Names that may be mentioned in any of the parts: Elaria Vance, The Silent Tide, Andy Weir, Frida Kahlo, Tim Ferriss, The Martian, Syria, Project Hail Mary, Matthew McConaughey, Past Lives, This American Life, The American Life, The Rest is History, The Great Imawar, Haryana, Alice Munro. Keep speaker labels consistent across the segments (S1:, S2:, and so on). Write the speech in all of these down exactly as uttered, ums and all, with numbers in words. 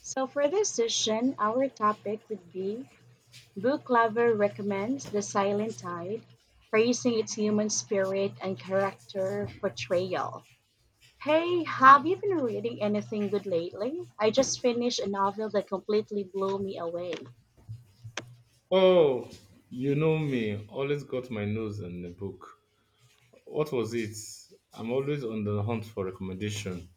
S1: So for this session, our topic would be Book Lover Recommends The Silent Tide, praising its human spirit and character portrayal. Hey, have you been reading anything good lately? I just finished a novel that completely blew me away.
S2: Oh, you know me. Always got my nose in the book. What was it? I'm always on the hunt for recommendation.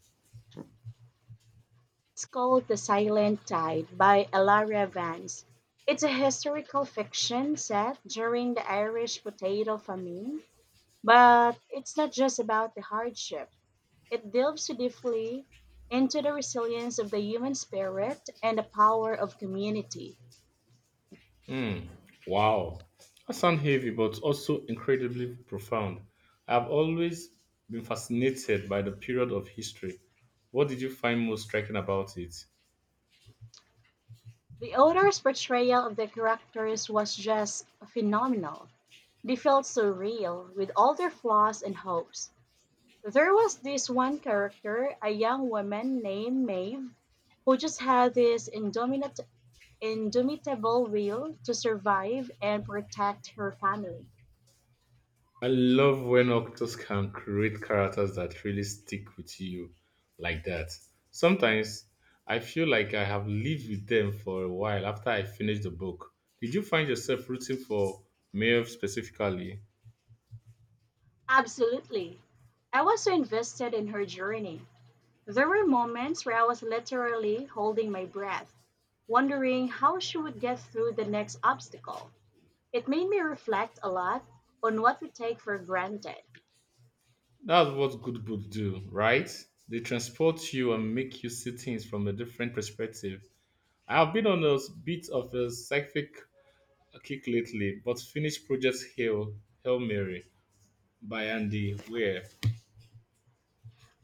S1: It's called The Silent Tide by Elaria Vance. It's a historical fiction set during the Irish potato famine, but it's not just about the hardship. It delves deeply into the resilience of the human spirit and the power of community.
S2: Hmm. Wow. That sounds heavy, but also incredibly profound. I've always been fascinated by the period of history. What did you find most striking about it?
S1: The author's portrayal of the characters was just phenomenal. They felt so real, with all their flaws and hopes. There was this one character, a young woman named Maeve, who just had this indomit- indomitable will to survive and protect her family.
S2: I love when actors can create characters that really stick with you like that. Sometimes I feel like I have lived with them for a while after I finished the book. Did you find yourself rooting for Maeve specifically?
S1: Absolutely. I was so invested in her journey. There were moments where I was literally holding my breath, wondering how she would get through the next obstacle. It made me reflect a lot on what we take for granted.
S2: That's what good books do, right? They transport you and make you see things from a different perspective. I have been on a bit of a psychic kick lately, but finished Project Hail, Hail Mary by Andy Weir.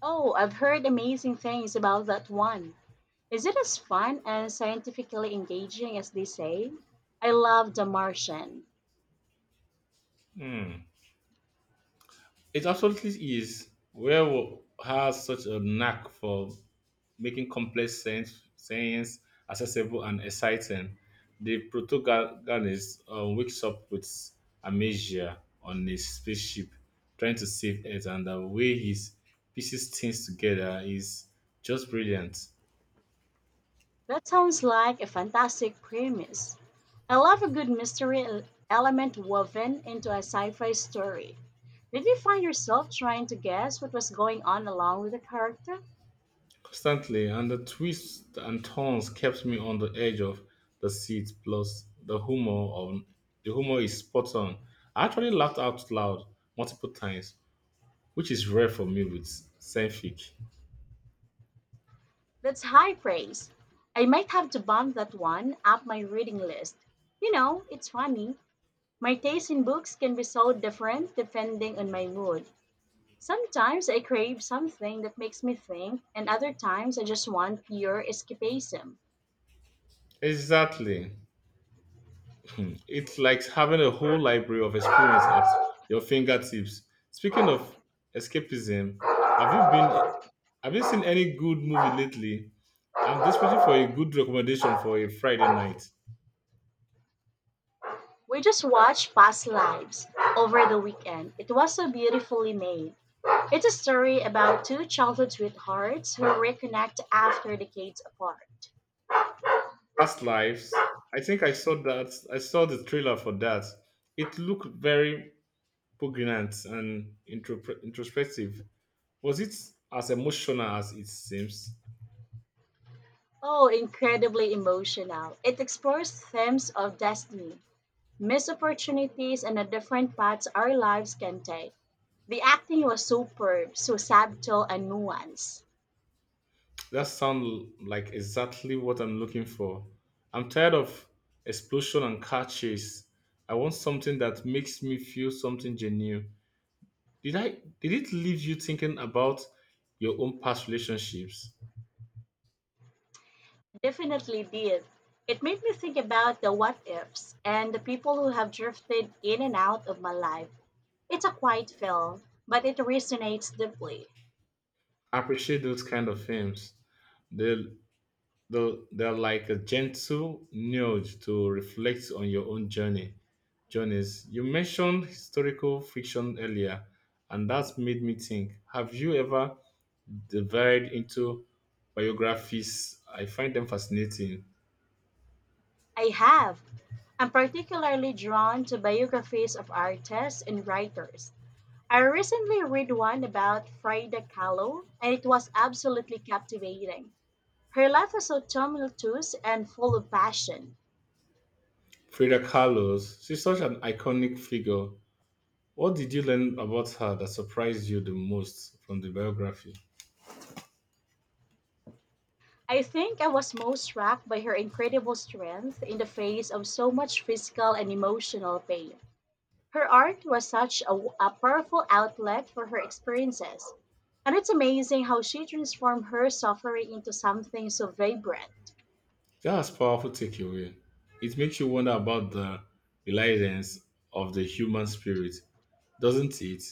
S1: Oh, I've heard amazing things about that one. Is it as fun and scientifically engaging as they say? I love The Martian.
S2: Hmm. It absolutely is. Where wo- has such a knack for making complex sense, science accessible and exciting. The protagonist uh, wakes up with amnesia on a spaceship, trying to save Earth, and the way he pieces things together is just brilliant.
S1: That sounds like a fantastic premise. I love a good mystery el- element woven into a sci fi story. Did you find yourself trying to guess what was going on along with the character?
S2: Constantly, and the twists and turns kept me on the edge of the seat. Plus, the humor on the humor is spot on. I actually laughed out loud multiple times, which is rare for me with Senfic.
S1: That's high praise. I might have to bump that one up my reading list. You know, it's funny. My taste in books can be so different depending on my mood. Sometimes I crave something that makes me think, and other times I just want pure escapism.
S2: Exactly, it's like having a whole library of experience at your fingertips. Speaking of escapism, have you been have you seen any good movie lately? I'm desperate for a good recommendation for a Friday night.
S1: We just watched Past Lives over the weekend. It was so beautifully made. It's a story about two childhood sweethearts who reconnect after decades apart.
S2: Past Lives. I think I saw that. I saw the trailer for that. It looked very poignant and introp- introspective. Was it as emotional as it seems?
S1: Oh, incredibly emotional. It explores themes of destiny, missed opportunities, and the different paths our lives can take. The acting was superb, so subtle and nuanced.
S2: That sounds like exactly what I'm looking for. I'm tired of explosion and car chase. I want something that makes me feel something genuine. Did I? Did it leave you thinking about your own past relationships?
S1: Definitely did. It made me think about the what ifs and the people who have drifted in and out of my life. It's a quiet film, but it resonates deeply.
S2: I appreciate those kind of films. They Though they're like a gentle nudge to reflect on your own journey. Journeys. You mentioned historical fiction earlier, and that's made me think. Have you ever dived into biographies? I find them fascinating.
S1: I have. I'm particularly drawn to biographies of artists and writers. I recently read one about Frida Kahlo, and it was absolutely captivating. Her life was so tumultuous and full of passion.
S2: Frida Kahlo's. She's such an iconic figure. What did you learn about her that surprised you the most from the biography?
S1: I think I was most struck by her incredible strength in the face of so much physical and emotional pain. Her art was such a, a powerful outlet for her experiences, and it's amazing how she transformed her suffering into something so vibrant.
S2: That's powerful takeaway. It makes you wonder about the reliance of the human spirit, doesn't it?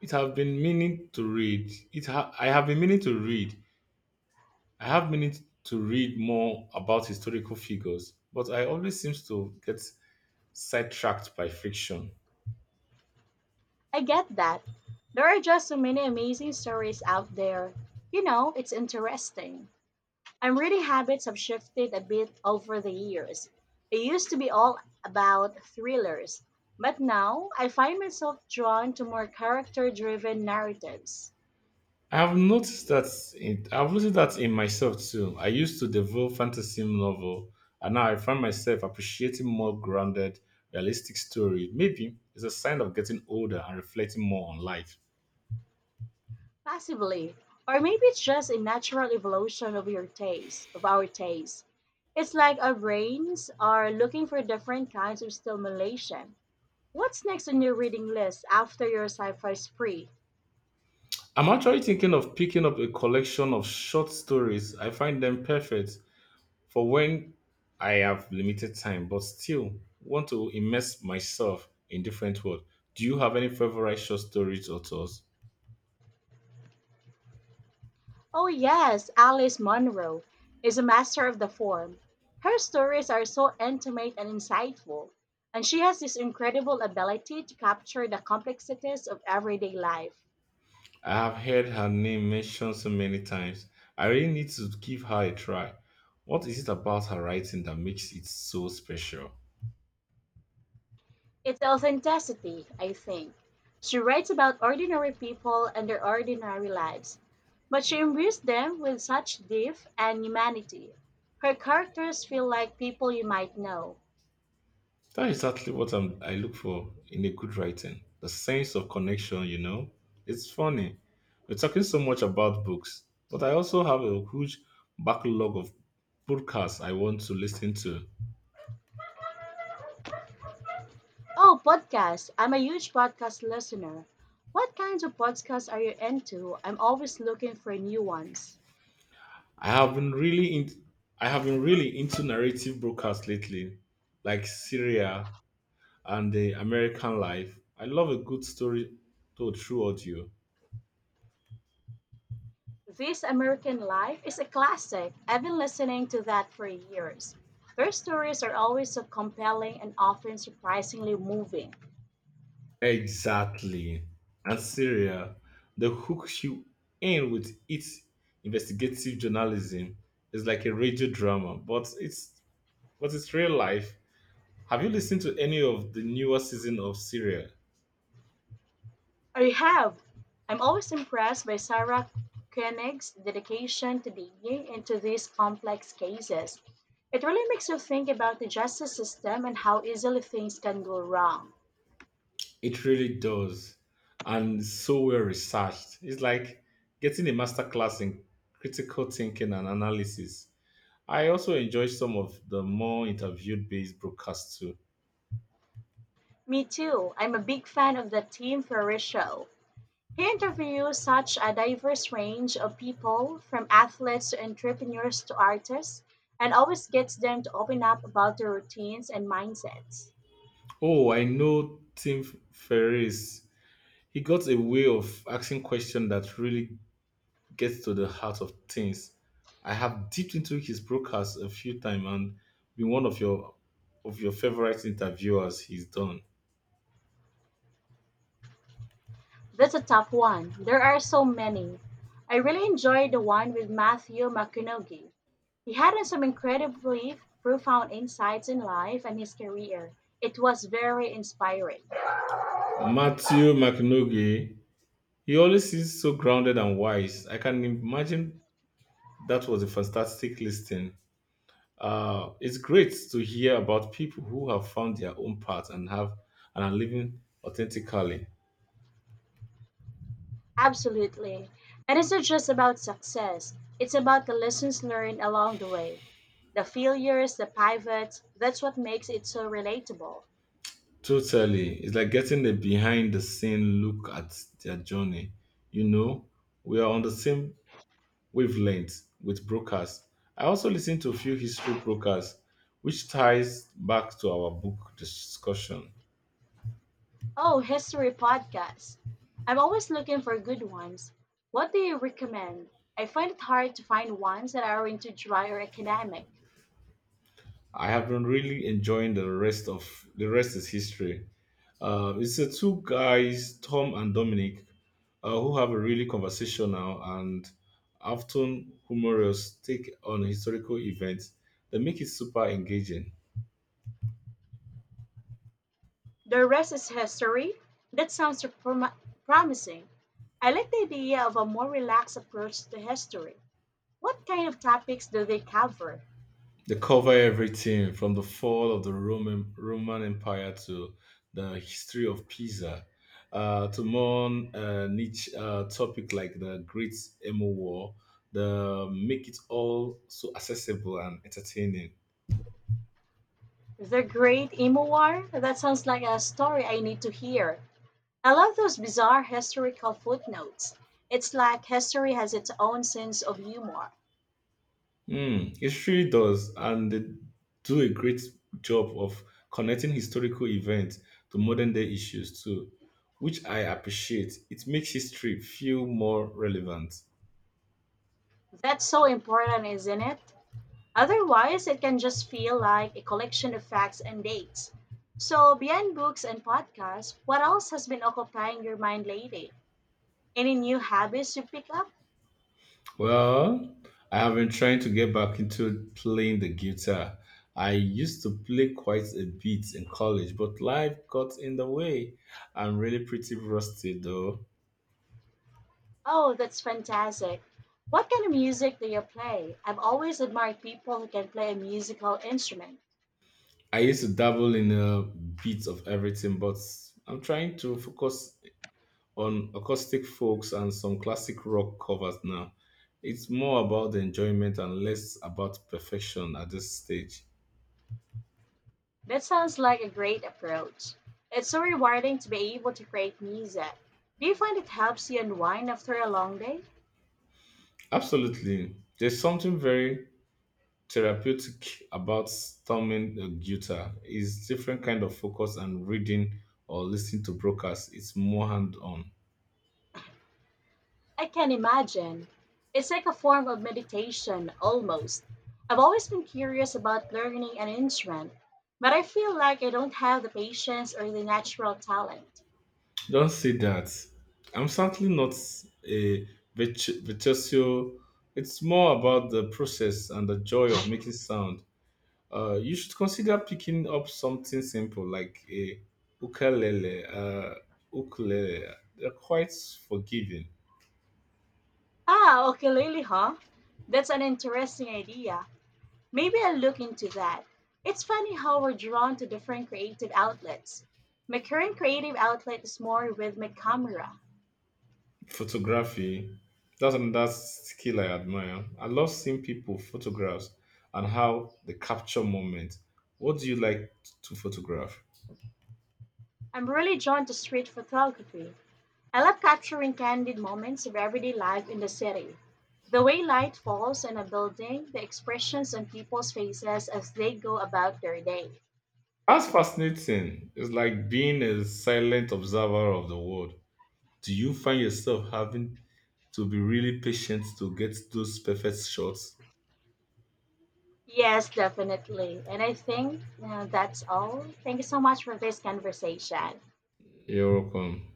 S2: It have been meaning to read. It ha- I have been meaning to read. I have meaning to read more about historical figures, but I always seems to get sidetracked by fiction.
S1: I get that. There are just so many amazing stories out there. You know, it's interesting. I'm reading habits have shifted a bit over the years. I used to be all about thrillers, but now I find myself drawn to more character driven narratives.
S2: I've noticed that it, I've noticed that in myself too. I used to devour fantasy novel, and now I find myself appreciating more grounded, realistic story. Maybe it's a sign of getting older and reflecting more on life.
S1: Possibly. Or maybe it's just a natural evolution of your taste, of our taste. It's like our brains are looking for different kinds of stimulation. What's next on your reading list after your sci fi spree?
S2: I'm actually thinking of picking up a collection of short stories. I find them perfect for when I have limited time, but still want to immerse myself in different world. Do you have any favorite short stories authors?
S1: Oh, yes, Alice Munro is a master of the form. Her stories are so intimate and insightful, and she has this incredible ability to capture the complexities of everyday life.
S2: I have heard her name mentioned so many times. I really need to give her a try. What is it about her writing that makes it so special?
S1: It's authenticity, I think. She writes about ordinary people and their ordinary lives, but she imbues them with such depth and humanity. Her characters feel like people you might know.
S2: That's exactly what I'm, I look for in a good writing. The sense of connection, you know? It's funny. We're talking so much about books, but I also have a huge backlog of podcasts I want to listen to.
S1: Oh, podcasts. I'm a huge podcast listener. What kinds of podcasts are you into? I'm always looking for new ones.
S2: I have been really in, I have been really into narrative broadcasts lately, like Syria and the American life. I love a good story told through audio.
S1: This American Life is a classic. I've been listening to that for years. Their stories are always so compelling and often surprisingly moving.
S2: Exactly. And Syria, the hooks you in with its investigative journalism is like a radio drama, but it's but it's real life. Have you listened to any of the newer season of Syria?
S1: I have. I'm always impressed by Sarah Koenig's dedication to digging into these complex cases. It really makes you think about the justice system and how easily things can go wrong.
S2: It really does. And it's so well researched. It's like getting a masterclass in critical thinking and analysis. I also enjoy some of the more interviewed based broadcasts too.
S1: Me too. I'm a big fan of the Tim Ferriss show. He interviews such a diverse range of people, from athletes to entrepreneurs to artists, and always gets them to open up about their routines and mindsets.
S2: Oh, I know Tim Ferriss. He got a way of asking questions that really gets to the heart of things. I have dipped into his broadcast a few times and been one of your of your favorite interviewers he's done.
S1: That's a tough one. There are so many. I really enjoyed the one with Matthew McConaughey. He had some incredibly profound insights in life and his career. It was very inspiring.
S2: Matthew McNaughey, he always seems so grounded and wise. I can imagine that was a fantastic listening. Uh, it's great to hear about people who have found their own path and have and are living authentically.
S1: Absolutely. And it's not just about success, it's about the lessons learned along the way. The failures, the pivots, that's what makes it so relatable.
S2: Totally, it's like getting a behind-the-scene look at their journey. You know, we are on the same wavelength with brokers. I also listen to a few history brokers, which ties back to our book discussion.
S1: Oh, history podcasts. I'm always looking for good ones. What do you recommend? I find it hard to find ones that are into dry or academic.
S2: I have been really enjoying the rest of the rest is history. Uh, it's the two guys, Tom and Dominic, uh, who have a really conversational and often humorous take on historical events that make it super engaging.
S1: The rest is history. That sounds prom- promising. I like the idea of a more relaxed approach to history. What kind of topics do they cover?
S2: They cover everything from the fall of the Roman Roman Empire to the history of Pisa, uh, to more uh, niche uh, topic like the Great Emo War. They make it all so accessible and entertaining.
S1: The Great Imawar? That sounds like a story I need to hear. I love those bizarre historical footnotes. It's like history has its own sense of humor.
S2: Mm, it really does, and they do a great job of connecting historical events to modern day issues too, which I appreciate. It makes history feel more relevant.
S1: That's so important, isn't it? Otherwise, it can just feel like a collection of facts and dates. So, beyond books and podcasts, what else has been occupying your mind lately? Any new habits you pick up?
S2: Well, I have been trying to get back into playing the guitar. I used to play quite a bit in college, but life got in the way. I'm really pretty rusty though.
S1: Oh, that's fantastic. What kind of music do you play? I've always admired people who can play a musical instrument.
S2: I used to dabble in a bit of everything, but I'm trying to focus on acoustic folks and some classic rock covers now. It's more about the enjoyment and less about perfection at this stage.
S1: That sounds like a great approach. It's so rewarding to be able to create music. Do you find it helps you unwind after a long day?
S2: Absolutely. There's something very therapeutic about strumming a guitar. It's different kind of focus and reading or listening to broadcasts. It's more hand-on.
S1: I can imagine. It's like a form of meditation, almost. I've always been curious about learning an instrument, but I feel like I don't have the patience or the natural talent.
S2: Don't say that. I'm certainly not a virtu- virtuoso. It's more about the process and the joy of making sound. Uh, you should consider picking up something simple like a ukulele. Uh, ukulele. They're quite forgiving.
S1: Ah, ukulele, huh? That's an interesting idea. Maybe I'll look into that. It's funny how we're drawn to different creative outlets. My current creative outlet is more with my camera.
S2: Photography. That's another skill I admire. I love seeing people photographs and how they capture moments. What do you like to photograph?
S1: I'm really drawn to street photography. I love capturing candid moments of everyday life in the city. The way light falls on a building, the expressions on people's faces as they go about their day.
S2: That's fascinating. It's like being a silent observer of the world. Do you find yourself having to be really patient to get those perfect shots?
S1: Yes, definitely. And I think uh, that's all. Thank you so much for this conversation.
S2: You're welcome.